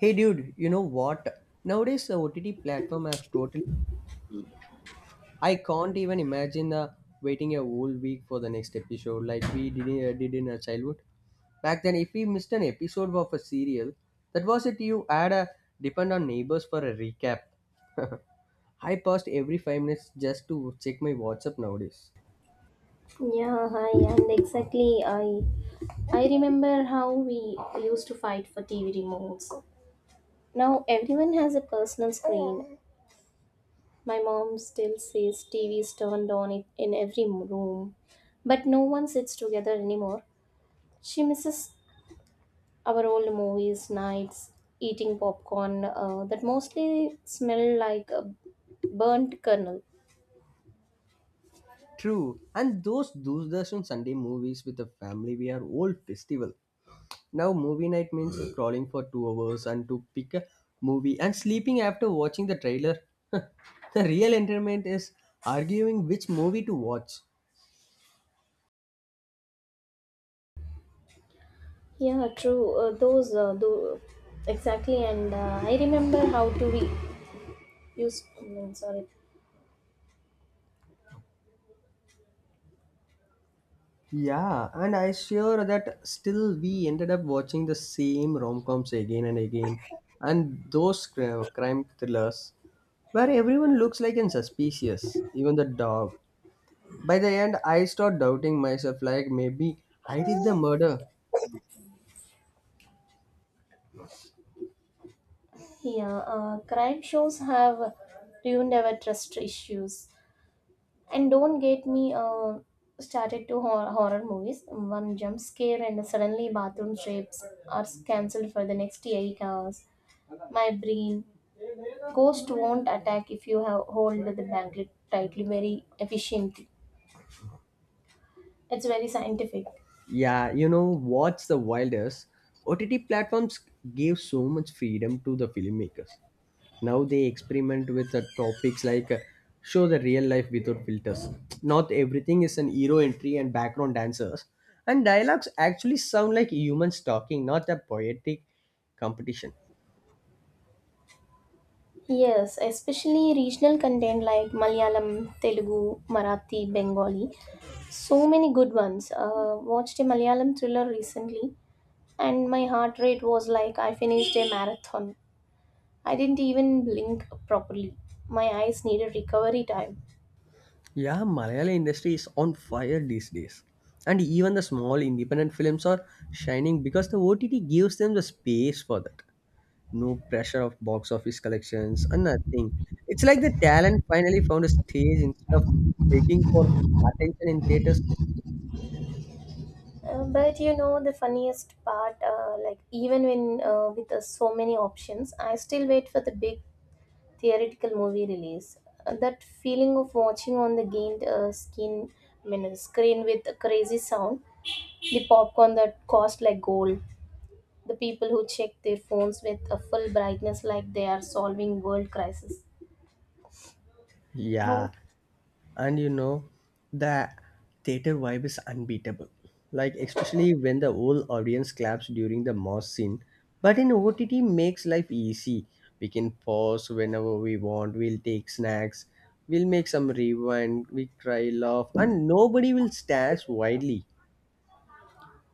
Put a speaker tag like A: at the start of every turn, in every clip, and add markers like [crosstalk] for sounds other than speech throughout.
A: Hey dude, you know what? Nowadays the OTT platform have totally I can't even imagine waiting a whole week for the next episode like we did, did in our childhood. Back then if we missed an episode of a serial, that was it you had a depend on neighbors for a recap. [laughs] I paused every 5 minutes just to check my WhatsApp nowadays.
B: Yeah, hi, and exactly. I remember how we used to fight for TV remotes. Now everyone has a personal screen. My mom still says TV is turned on it in every room, but no one sits together anymore. She misses our old movies, nights, eating popcorn that mostly smell like a burnt kernel.
A: True, and those Doordarshan Sunday movies with the family were whole festival. Now, movie night means crawling for 2 hours and to pick a movie and sleeping after watching the trailer. [laughs] The real entertainment is arguing which movie to watch.
B: Yeah, true. Exactly. And I remember how to be Use I mean sorry
A: Yeah, and I sure that still we ended up watching the same rom-coms again and again, and those crime thrillers where everyone looks like and suspicious, even the dog. By the end, I start doubting myself, like maybe I did the murder.
B: yeah crime shows have ruined our trust issues, and don't get me started to horror movies. One jump scare and suddenly bathroom trips are cancelled for the next 8 hours. My brain, ghost won't attack if you have hold the blanket tightly very efficiently. It's very scientific.
A: Yeah, you know what's the wildest? OTT platforms give so much freedom to the filmmakers. Now they experiment with the topics like show the real life without filters. Not everything is an hero entry and background dancers, and dialogues actually sound like humans talking, not a poetic competition.
B: Yes, especially regional content like Malayalam, Telugu, Marathi, Bengali. So many good ones. Watched a Malayalam thriller recently, and my heart rate was like I finished a marathon. I didn't even blink properly. My eyes needed recovery time.
A: Yeah, Malayala industry is on fire these days. And even the small independent films are shining because the OTT gives them the space for that. No pressure of box office collections or nothing. It's like the talent finally found a stage instead of begging for attention in theaters.
B: But you know the funniest part, like even when with so many options, I still wait for the big theoretical movie release. That feeling of watching on the gained skin, I mean, screen with a crazy sound, the popcorn that cost like gold, the people who check their phones with a full brightness like they are solving world crisis. Now,
A: Yeah, and you know, the theater vibe is unbeatable. Like especially when the whole audience claps during the moss scene. But in OTT makes life easy. We can pause whenever we want. We'll take snacks. We'll make some rewind. We cry, laugh, and nobody will stare widely.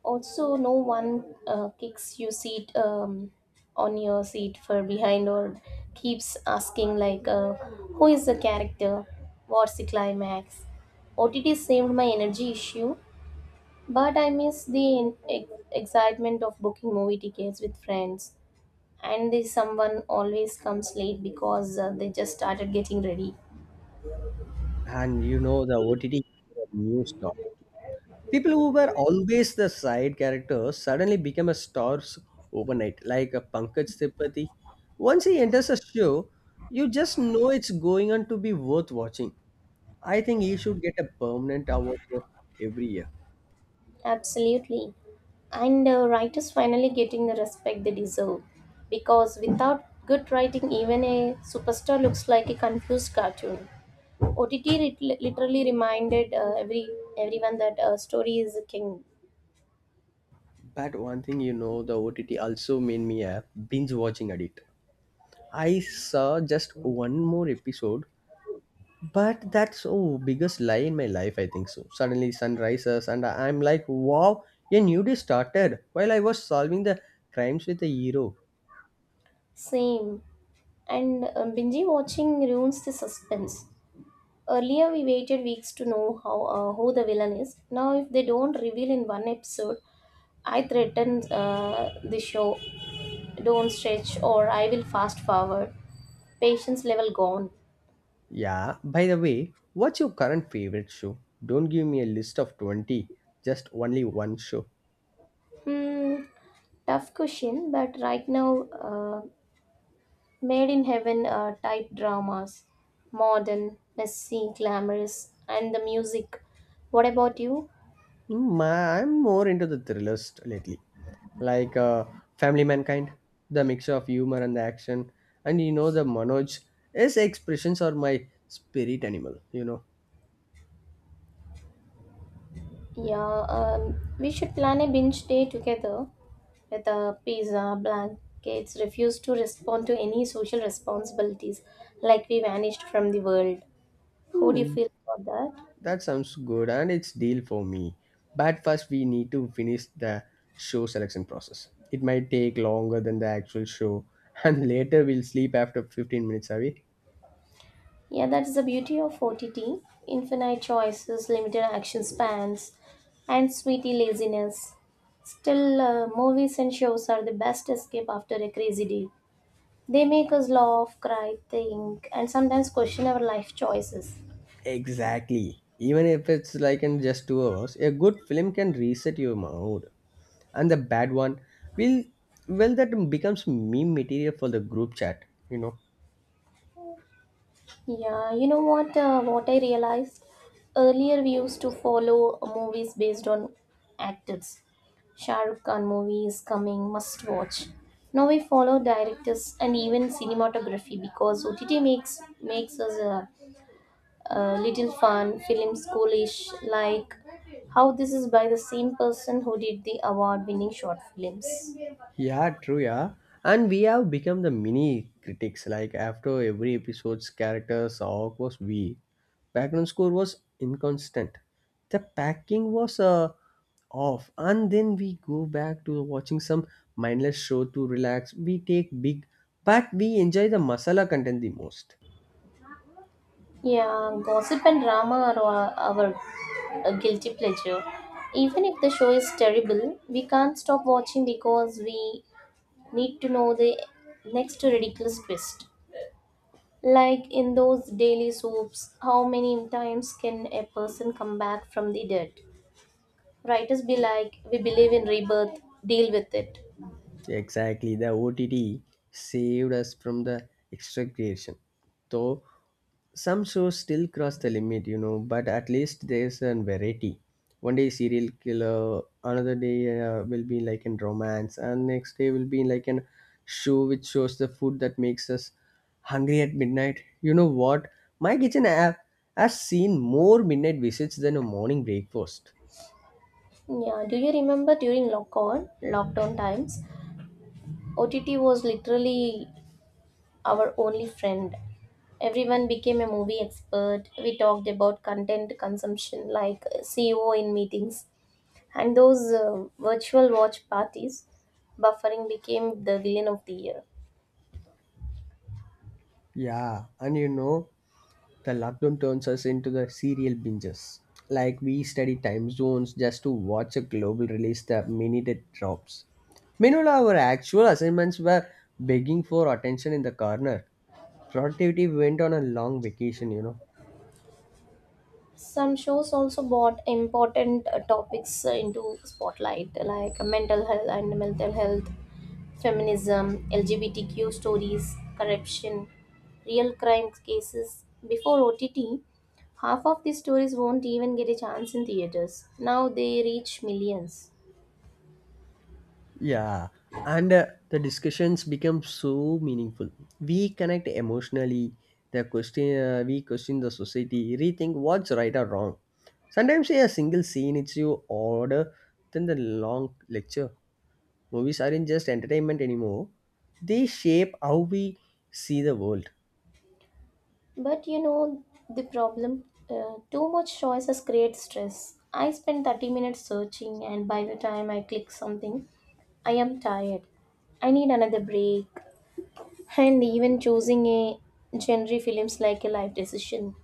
B: also, no one kicks you seat on your seat for behind or keeps asking like, who is the character? What's the climax? OTT saved my energy issue, but I miss the excitement of booking movie tickets with friends. And the someone always comes late because they just started getting ready.
A: And you know the OTT new star. People who were always the side characters suddenly become a stars overnight, like a Pankaj Tripathi. Once he enters a show, you just know it's going on to be worth watching. I think he should get a permanent award for every year.
B: Absolutely. And writers finally getting the respect they deserve. Because without good writing, even a superstar looks like a confused cartoon. OTT literally reminded everyone that story is a king.
A: But one thing you know, the OTT also made me a binge watching addict. I saw just one more episode. But that's oh biggest lie in my life, I think so. Suddenly sun rises and I'm like, wow, a new day started while I was solving the crimes with a hero.
B: Same. And binge watching ruins the suspense. Earlier, we waited weeks to know how who the villain is. Now, if they don't reveal in one episode, I threaten the show. Don't stretch or I will fast forward. Patience level gone.
A: Yeah, by the way, what's your current favorite show? Don't give me a list of 20, just only one show.
B: Hmm, Tough question, but right now, uh, made in heaven type dramas. Modern, messy, glamorous, and the music. What about you?
A: Hmm, I'm more into the thrillers lately. Like Family Mankind, the mixture of humor and the action. And you know the Manoj, his expressions are my spirit animal, you know.
B: Yeah, we should plan a binge day together with a pizza, blankets, refuse to respond to any social responsibilities like we vanished from the world. How do
A: Hmm.
B: you feel about that?
A: That sounds good and it's deal for me. But first we need to finish the show selection process. It might take longer than the actual show. [laughs] And later we'll sleep after 15 minutes away.
B: Yeah, that is the beauty of OTT. Infinite choices, limited action spans, and sweetie laziness. Still, movies and shows are the best escape after a crazy day. They make us laugh, cry, think, and sometimes question our life choices.
A: Exactly. Even if it's like in just 2 hours, a good film can reset your mood. And the bad one will, well, that becomes meme material for the group chat, you know.
B: Yeah, you know what? What I realized, earlier, we used to follow movies based on actors. Shah Rukh Khan movie is coming, must watch. Now we follow directors and even cinematography because OTT makes us a little fun film schoolish, like how this is by the same person who did the award-winning short films.
A: Yeah, true, yeah. And we have become the mini critics. Like after every episode's character's arc was weak, background score was inconstant, the packing was off, and then we go back to watching some mindless show to relax. We take big, but we enjoy the masala content the most.
B: Yeah, gossip and drama are our, our guilty pleasure. Even if the show is terrible, we can't stop watching because we need to know the next ridiculous twist. Like in those daily soaps, how many times can a person come back from the dead? Writers be like, we believe in rebirth, deal with it.
A: Exactly, the OTT saved us from the extra creation. Though some shows still cross the limit, you know, but at least there's a variety. One day serial killer, another day will be like in romance, and next day will be like an show which shows the food that makes us hungry at midnight. You know what? My kitchen app has seen more midnight visits than a morning breakfast.
B: Yeah, do you remember during lockdown times, OTT was literally our only friend. Everyone became a movie expert. We talked about content consumption like CEO in meetings, and those virtual watch parties. Buffering became the villain of the year.
A: Yeah, and you know the lockdown turns us into the serial binges. Like we study time zones just to watch a global release the minute it drops. Meanwhile, our actual assignments were begging for attention in the corner. Productivity went on a long vacation, you know.
B: Some shows also brought important topics into spotlight, like mental health and mental health feminism, lgbtq stories, corruption, real crime cases. Before OTT, half of these stories won't even get a chance in theaters. Now they reach millions.
A: Yeah, and the discussions become so meaningful. We connect emotionally. The question we question the society, rethink what's right or wrong. Sometimes yeah, a single scene it's you order than the long lecture. Movies aren't just entertainment anymore; they shape how we see the world.
B: But you know the problem? Too much choices create stress. I spend 30 minutes searching, and by the time I click something, I am tired. I need another break. And even choosing a genre feels like a life decision.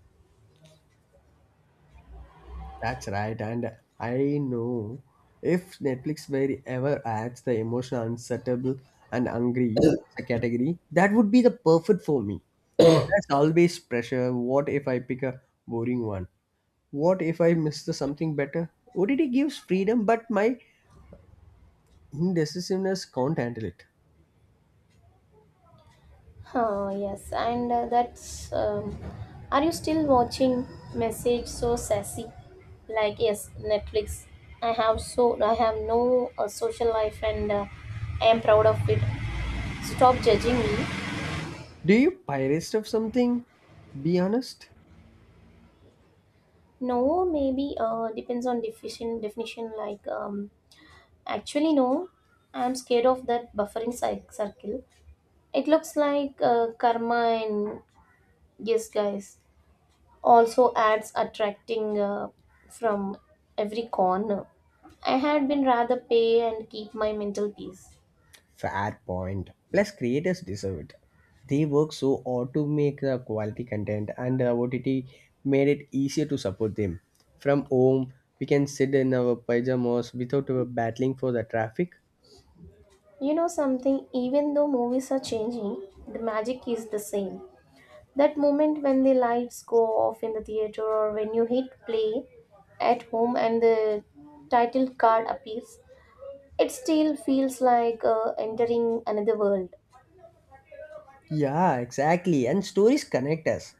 A: That's right, and I know if Netflix were ever adds the emotional unsettable and hungry as a category, that would be the perfect for me. There's always pressure. What if I pick a boring one? What if I miss the something better? OTT gives freedom, but my indecisiveness can't handle it.
B: Oh, yes, and that's. Are you still watching Message So Sassy? Like, yes, Netflix. I have no social life and I am proud of it. Stop judging me.
A: Do you pirate stuff something? Be honest.
B: No, maybe depends on definition, like actually no, I'm scared of that buffering circle. It looks like karma. And yes guys, also ads attracting from every corner. I had been rather pay and keep my mental peace.
A: Fair point. Plus, creators deserve it. They work so hard to make quality content, and OTT made it easier to support them. From home, we can sit in our pajamas without battling for the traffic.
B: You know something, even though movies are changing, the magic is the same. That moment when the lights go off in the theater or when you hit play at home and the title card appears, it still feels like entering another world.
A: Yeah, exactly. And stories connect us.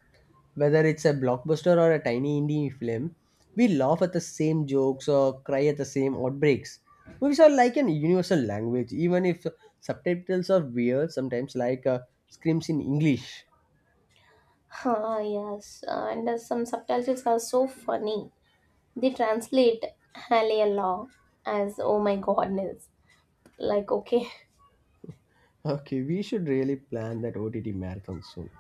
A: Whether it's a blockbuster or a tiny indie film, we laugh at the same jokes or cry at the same outbreaks. Movies are like an universal language, even if subtitles are weird, sometimes like screams in English.
B: Ah, yes, and some subtitles are so funny. They translate Hallelujah as oh my goodness. Like, okay, [laughs]
A: Okay, we should really plan that OTT marathon soon.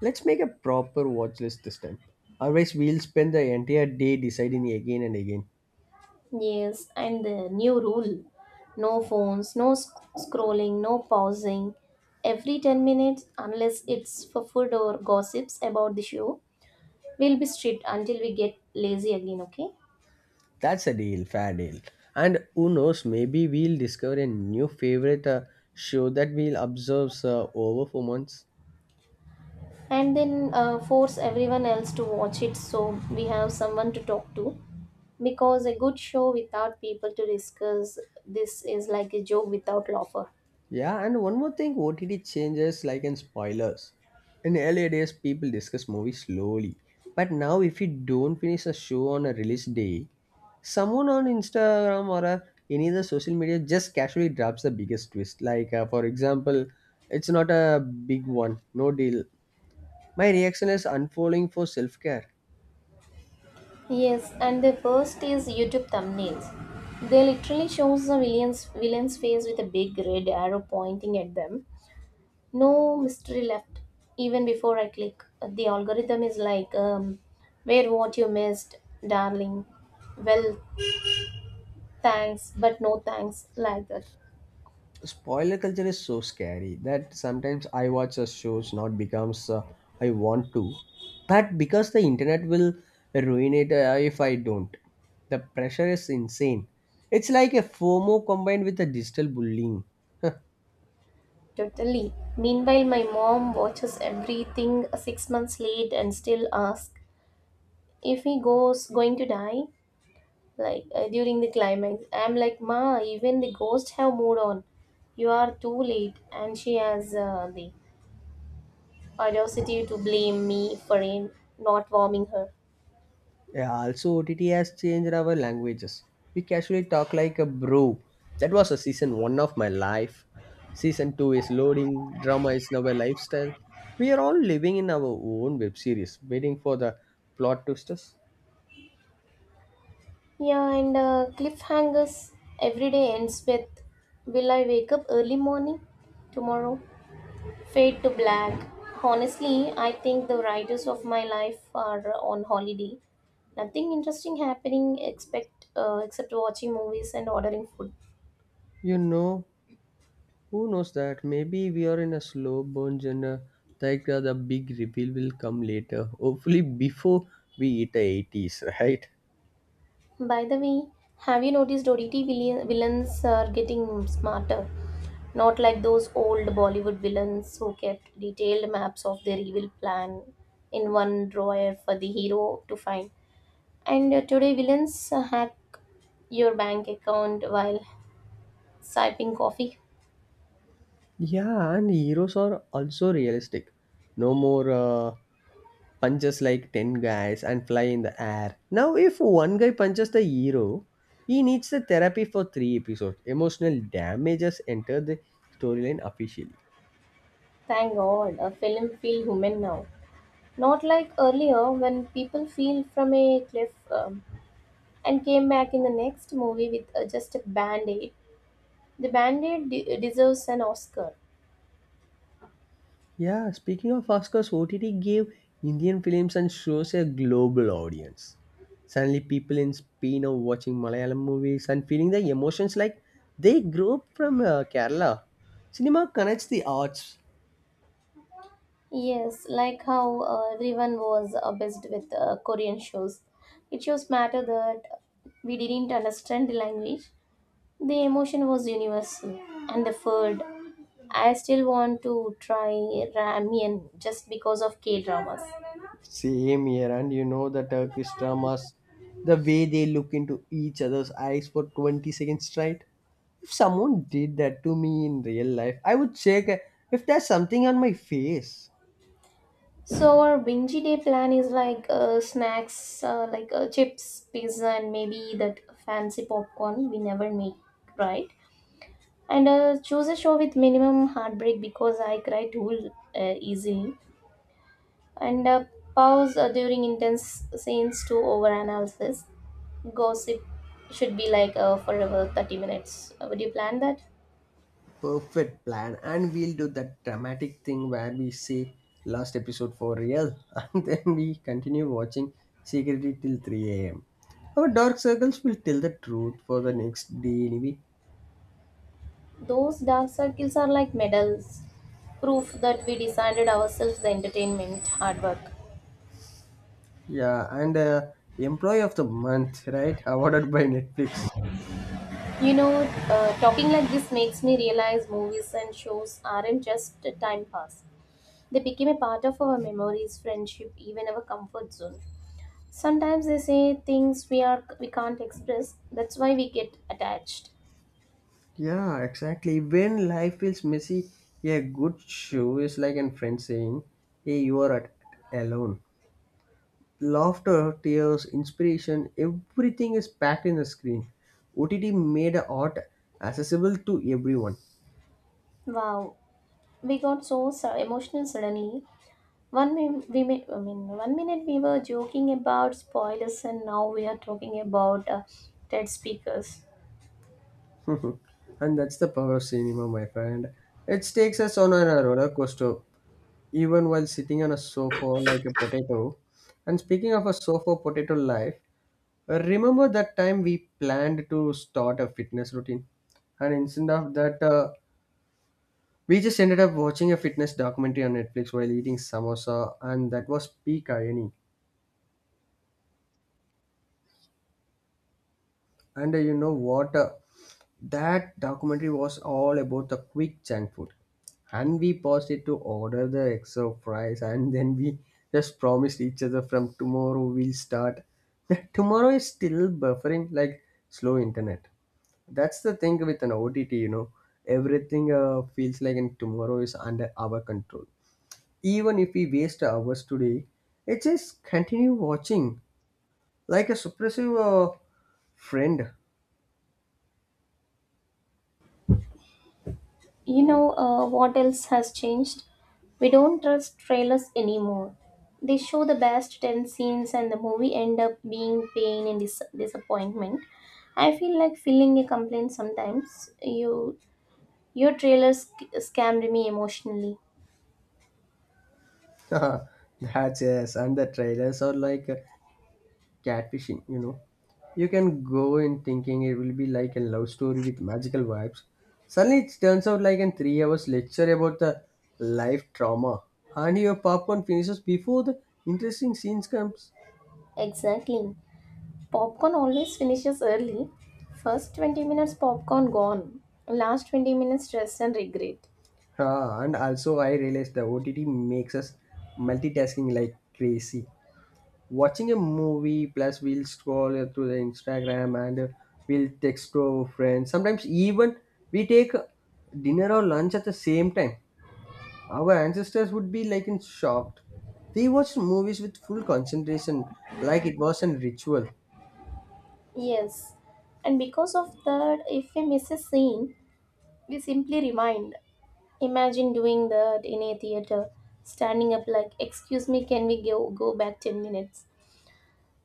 A: Let's make a proper watch list this time. Otherwise, we'll spend the entire day deciding again and again.
B: Yes, and the new rule: no phones, no scrolling, no pausing. Every 10 minutes, unless it's for food or gossips about the show. We'll be strict until we get lazy again, okay?
A: That's a deal, fair deal. And who knows, maybe we'll discover a new favorite show that we'll observe over for months.
B: And then force everyone else to watch it so we have someone to talk to. Because a good show without people to discuss this is like a joke without laughter.
A: Yeah, and one more thing, OTT changes like in spoilers. In earlier days, people discuss movies slowly. But now, if you don't finish a show on a release day, someone on Instagram or any other social media just casually drops the biggest twist. Like, for example, it's not a big one, no deal. My reaction is unfolding for self care.
B: Yes, and the worst is YouTube thumbnails. They literally shows the villain's face with a big red arrow pointing at them. No mystery left. Even before I click, the algorithm is like, "Where what you missed, darling." Well, thanks, but no thanks, like that.
A: Spoiler culture is so scary that sometimes I watch a shows not because I want to, but because the internet will ruin it if I don't. The pressure is insane. It's like a FOMO combined with a digital bullying. [laughs]
B: Totally. Meanwhile, my mom watches everything 6 months late and still asks if he goes going to die. Like during the climax, I'm like, ma, even the ghosts have moved on. You are too late. And she has the audacity to blame me for in not warming her.
A: Yeah, also OTT has changed our languages. We casually talk like a bro. That was a season one of my life. Season two is loading. Drama is now a lifestyle. We are all living in our own web series, waiting for the plot twisters.
B: Yeah, and cliffhangers. Every day ends with, will I wake up early morning tomorrow? Fade to black. Honestly, I think the writers of my life are on holiday. Nothing interesting happening except watching movies and ordering food.
A: You know, who knows that? Maybe we are in a slow burn genre. Like the big reveal will come later. Hopefully, before we hit the 80s, right?
B: By the way, have you noticed OTT villains are getting smarter? Not like those old Bollywood villains who kept detailed maps of their evil plan in one drawer for the hero to find. And today, villains hack your bank account while sipping coffee.
A: Yeah, and heroes are also realistic. No more punches like 10 guys and fly in the air. Now, if one guy punches the hero, he needs the therapy for 3 episodes. Emotional damages enter the storyline officially.
B: Thank God, a film feel human now. Not like earlier when people feel from a cliff and came back in the next movie with just a band aid. The Bandit deserves an Oscar.
A: Yeah, speaking of Oscars, OTT gave Indian films and shows a global audience. Suddenly, people in Spain are watching Malayalam movies and feeling the emotions like they grew up from Kerala. Cinema connects the arts.
B: Yes, like how everyone was obsessed with Korean shows. It shows matter that we didn't understand the language. The emotion was universal, and the food. I still want to try ramen just because of K dramas.
A: Same here, and you know the Turkish dramas, the way they look into each other's eyes for 20 seconds straight. If someone did that to me in real life, I would check if there's something on my face.
B: So our binge day plan is like chips, pizza, and maybe that fancy popcorn we never make, right? And choose a show with minimum heartbreak because I cry too easily. And pause during intense scenes to overanalysis. Gossip should be like forever 30 minutes. Would you plan that?
A: Perfect plan, and we'll do that dramatic thing where we say last episode for real, [laughs] and then we continue watching secretly till 3 a.m. Our dark circles will tell the truth for the next day anyway.
B: Those dark circles are like medals, proof that we decided ourselves the entertainment, hard work.
A: Yeah, and Employee of the Month, right? Awarded by Netflix.
B: You know, talking like this makes me realize movies and shows aren't just a time pass. They became a part of our memories, friendship, even our comfort zone. Sometimes they say things we can't express. That's why we get attached.
A: Yeah, exactly. When life feels messy, a good show is like a friend saying, hey, you are at, alone. Laughter, tears, inspiration, everything is packed in the screen. OTT made art accessible to everyone.
B: Wow, we got so, so emotional suddenly. One we may, I mean 1 minute we were joking about spoilers and now we are talking about TED speakers.
A: [laughs] And that's the power of cinema, my friend. It takes us on a roller coaster even while sitting on a sofa like a potato. And speaking of a sofa potato life, remember that time we planned to start a fitness routine? And instead of that, we just ended up watching a fitness documentary on Netflix while eating samosa, and that was peak irony. And you know what? That documentary was all about the quick junk food. And we paused it to order the extra fries, and [laughs] then we just promised each other from tomorrow we'll start. [laughs] Tomorrow is still buffering like slow internet. That's the thing with an OTT, you know. Everything feels like and tomorrow is under our control. Even if we waste hours today, it just continue watching like a suppressive uh, friend.
B: You know what else has changed? We don't trust trailers anymore. They show the best 10 scenes and the movie end up being pain and disappointment. I feel like filling a complaint sometimes. Your trailer scammed me emotionally.
A: [laughs] That's yes, and the trailers are like catfishing, you know. You can go in thinking it will be like a love story with magical vibes. Suddenly it turns out like a 3 hours lecture about the life trauma. And your popcorn finishes before the interesting scenes comes.
B: Exactly. Popcorn always finishes early. First 20 minutes popcorn gone. Last 20 minutes stress and regret.
A: Ah, and also I realized the OTT makes us multitasking like crazy. Watching a movie, plus we'll scroll through the Instagram, and we'll text to our friends. Sometimes even we take dinner or lunch at the same time. Our ancestors would be like in shocked. They watched movies with full concentration, like it was a ritual.
B: Yes. And because of that, if we miss a scene, we simply remind. Imagine doing that in a theater, standing up like, "Excuse me, can we go back 10 minutes?"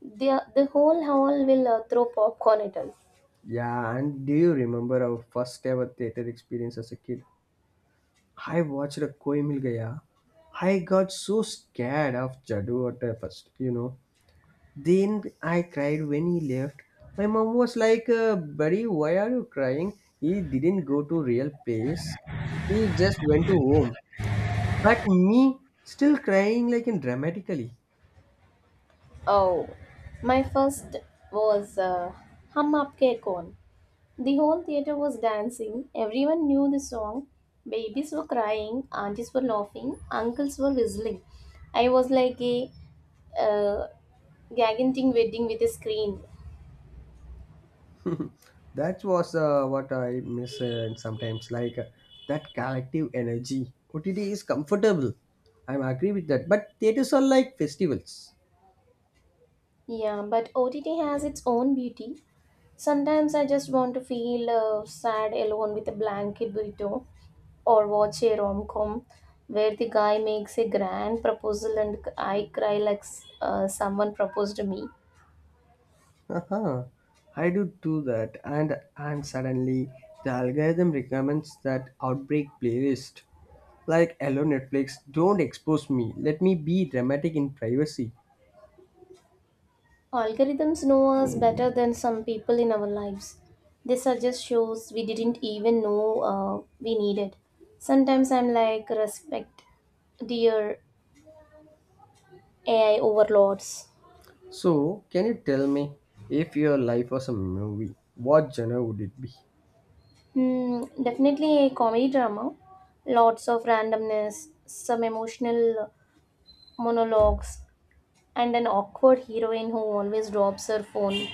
B: The the whole hall will throw popcorn at us.
A: Yeah, and do you remember our first ever theater experience as a kid? I watched a Koi Mil Gaya. I got so scared of Jadoo at the first, you know. Then I cried when he left. My mom was like, Buddy, why are you crying? He didn't go to real place. He just went to home. But me, still crying like in dramatically.
B: Oh, my first was Hum Aapke Kaun. The whole theater was dancing. Everyone knew the song. Babies were crying, aunties were laughing, uncles were whistling. I was like a uh, gagging wedding with a screen.
A: That was what I miss sometimes, that collective energy. OTT is comfortable. I'm agree with that. But theaters are like festivals.
B: Yeah, but OTT has its own beauty. Sometimes I just want to feel sad alone with a blanket burrito or watch a rom com where the guy makes a grand proposal and I cry like someone proposed to me.
A: Uh-huh. I do that, and suddenly the algorithm recommends that outbreak playlist. Like, hello Netflix, don't expose me. Let me be dramatic in privacy.
B: Algorithms know us better than some people in our lives. They suggest shows we didn't even know we needed. Sometimes I'm like, respect, dear AI overlords.
A: So, can you tell me, if your life was a movie, what genre would it be?
B: Definitely a comedy drama. Lots of randomness, some emotional monologues, and an awkward heroine who always drops her phone.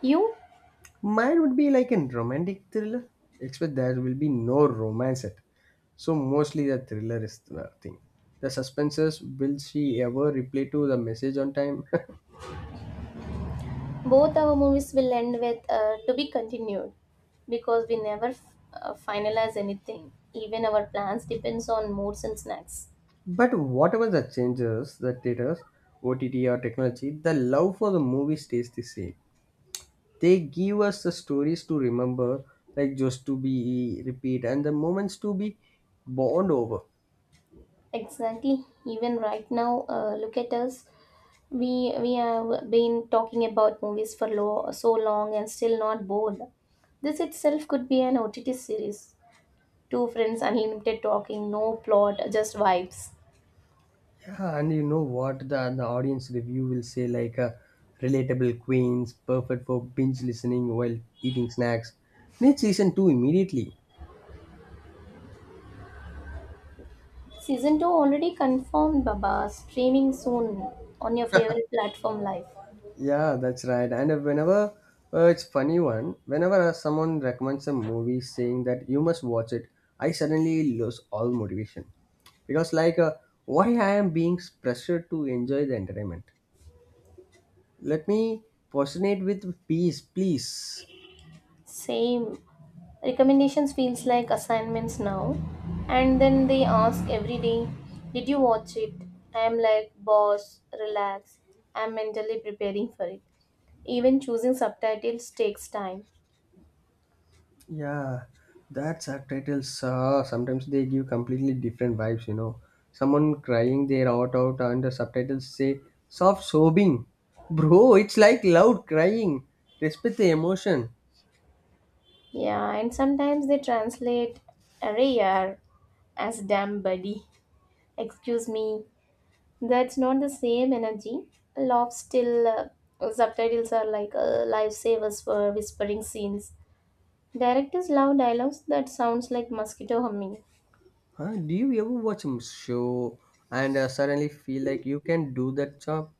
B: You,
A: Mine would be like a romantic thriller, except there will be no romance at. So mostly the thriller is the thing. The suspenses will she ever reply to the message on time? [laughs]
B: both our movies will end with to be continued because we never finalize anything. Even our plans depends on moods and snacks.
A: But whatever the changes, the theaters, OTT or technology, the love for the movie stays the same. They give us the stories to remember, like just to be repeat, and the moments to be bond over.
B: Exactly. Even right now, look at us. We have been talking about movies for so long and still not bored. This itself could be an OTT series. Two friends, unlimited talking, no plot, just vibes.
A: Yeah, and you know what the audience review will say, like relatable queens, perfect for binge listening while eating snacks. Need season 2 immediately.
B: Season 2 already confirmed, Baba. Streaming soon on your favorite platform live.
A: Yeah, that's right. And whenever it's funny one, whenever someone recommends a movie saying that you must watch it, I suddenly lose all motivation, because why I am being pressured to enjoy the entertainment. Let me postulate with peace, please.
B: Same. Recommendations feels like assignments now. And then they ask every day, did you watch it? I'm like, boss, relax. I'm mentally preparing for it. Even choosing subtitles takes time.
A: Yeah, that subtitles, sometimes they give completely different vibes, you know. Someone crying their heart out and the subtitles say soft sobbing. Bro, it's like loud crying. Respect the emotion.
B: Yeah, and sometimes they translate array yaar as damn buddy. Excuse me. That's not the same energy. Love still subtitles are like lifesavers for whispering scenes. Directors love dialogues that sounds like mosquito humming.
A: Huh? Do you ever watch a show and suddenly feel like you can do that job?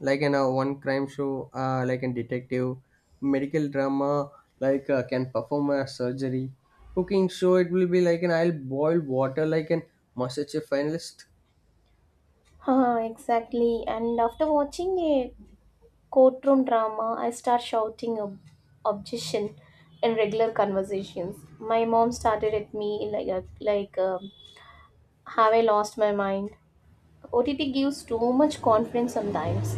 A: Like in a one crime show, like in detective, medical drama, can perform a surgery, cooking show. It will be like an, I'll boil water like an MasterChef finalist.
B: Haha, exactly. And after watching a courtroom drama, I start shouting objection in regular conversations. My mom started at me like a, like have I lost my mind? OTT gives too much confidence sometimes.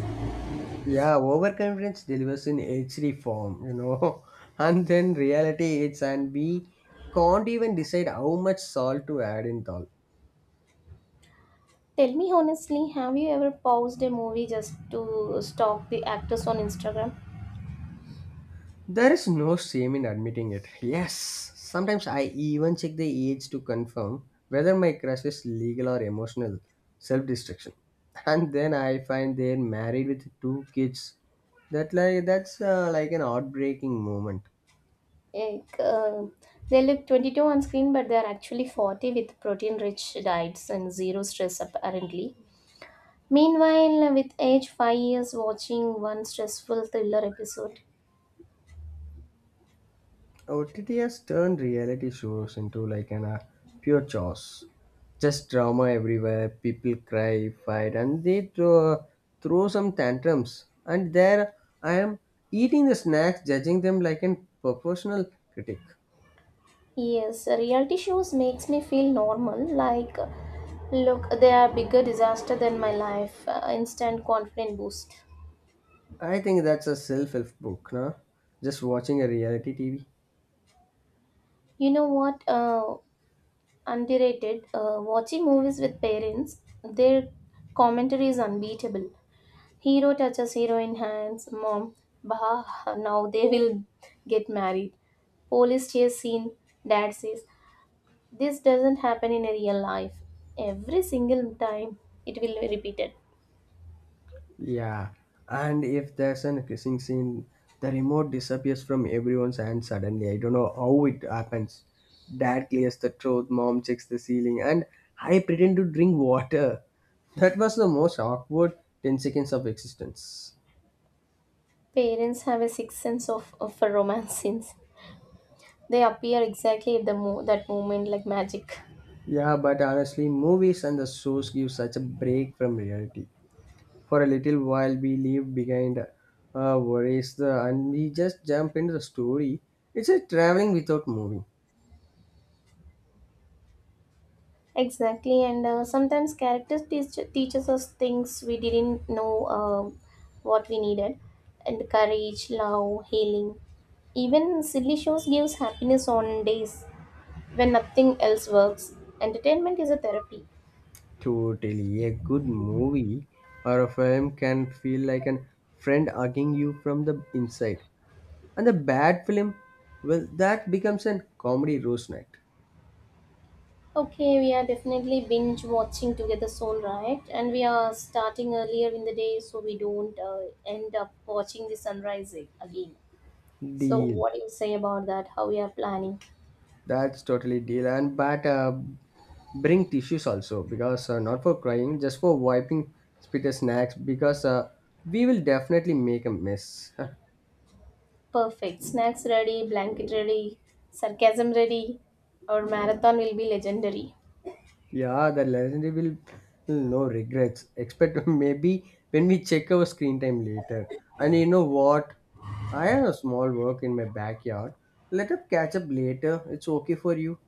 A: Yeah, overconfidence delivers in HD form, you know, [laughs] and then reality hits and we can't even decide how much salt to add in all.
B: Tell me honestly, have you ever paused a movie just to stalk the actors on Instagram?
A: There is no shame in admitting it. Yes, sometimes I even check the age to confirm whether my crush is legal or emotional self destruction. [laughs] And then I find they're married with two kids. That like that's like an heartbreaking moment.
B: Like, they look 22 on screen, but they are actually 40 with protein rich diets and zero stress, apparently. Meanwhile, with age 5 years watching one stressful thriller episode.
A: OTT has turned reality shows into like an pure chaos. Just drama everywhere. People cry, fight, and they throw, throw some tantrums. And there I am, eating the snacks, judging them like an professional critic.
B: Yes, reality shows makes me feel normal. Like, look, they are bigger disaster than my life. Instant confidence boost.
A: I think that's a self-help book, no? Just watching a reality TV.
B: You know what? Underrated. Watching movies with parents, their commentary is unbeatable. Hero touches heroine hands, mom, bah, now they will get married. Police chase scene, dad says, this doesn't happen in a real life. Every single time it will be repeated.
A: Yeah, and if there's an kissing scene, the remote disappears from everyone's hand suddenly. I don't know how it happens. Dad clears the throat, mom checks the ceiling, and I pretend to drink water. That was the most awkward 10 seconds of existence.
B: Parents have a sixth sense of a romance scenes. They appear exactly at that moment like magic.
A: Yeah, but honestly, movies and the shows give such a break from reality. For a little while, we leave behind worries the, and we just jump into the story. It's a traveling without moving.
B: Exactly, and sometimes characters teaches us things we didn't know what we needed, and courage, love, healing. Even silly shows gives happiness on days when nothing else works. Entertainment is a therapy.
A: Totally. A good movie or a film can feel like an friend hugging you from the inside. And the bad film, well, that becomes a comedy roast night.
B: Okay, we are definitely binge watching together soon, right? And we are starting earlier in the day, so we don't end up watching the sunrise again. So,
A: Deal.
B: what do you say about that? How we are planning?
A: That's totally deal. And but bring tissues also, because not for crying, just for wiping spit snacks, because we will definitely make a mess. [laughs]
B: Perfect. Snacks ready, blanket ready, sarcasm ready. Our marathon will be legendary.
A: Yeah, the legendary will no regrets. Expect [laughs] maybe when we check our screen time later. And you know what? I have a small work in my backyard. Let us catch up later. It's okay for you.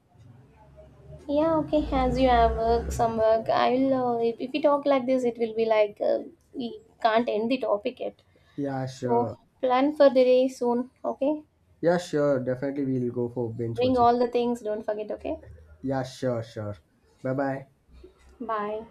B: Yeah, okay. As you have work, some work, I will. If we talk like this, it will be like we can't end the topic yet.
A: Yeah,
B: So
A: sure.
B: plan for the day soon. Okay.
A: Yeah, sure. Definitely we'll go for binge
B: Bring
A: watching.
B: all the things. Don't forget. Okay.
A: Yeah, sure, sure. Bye bye.
B: Bye.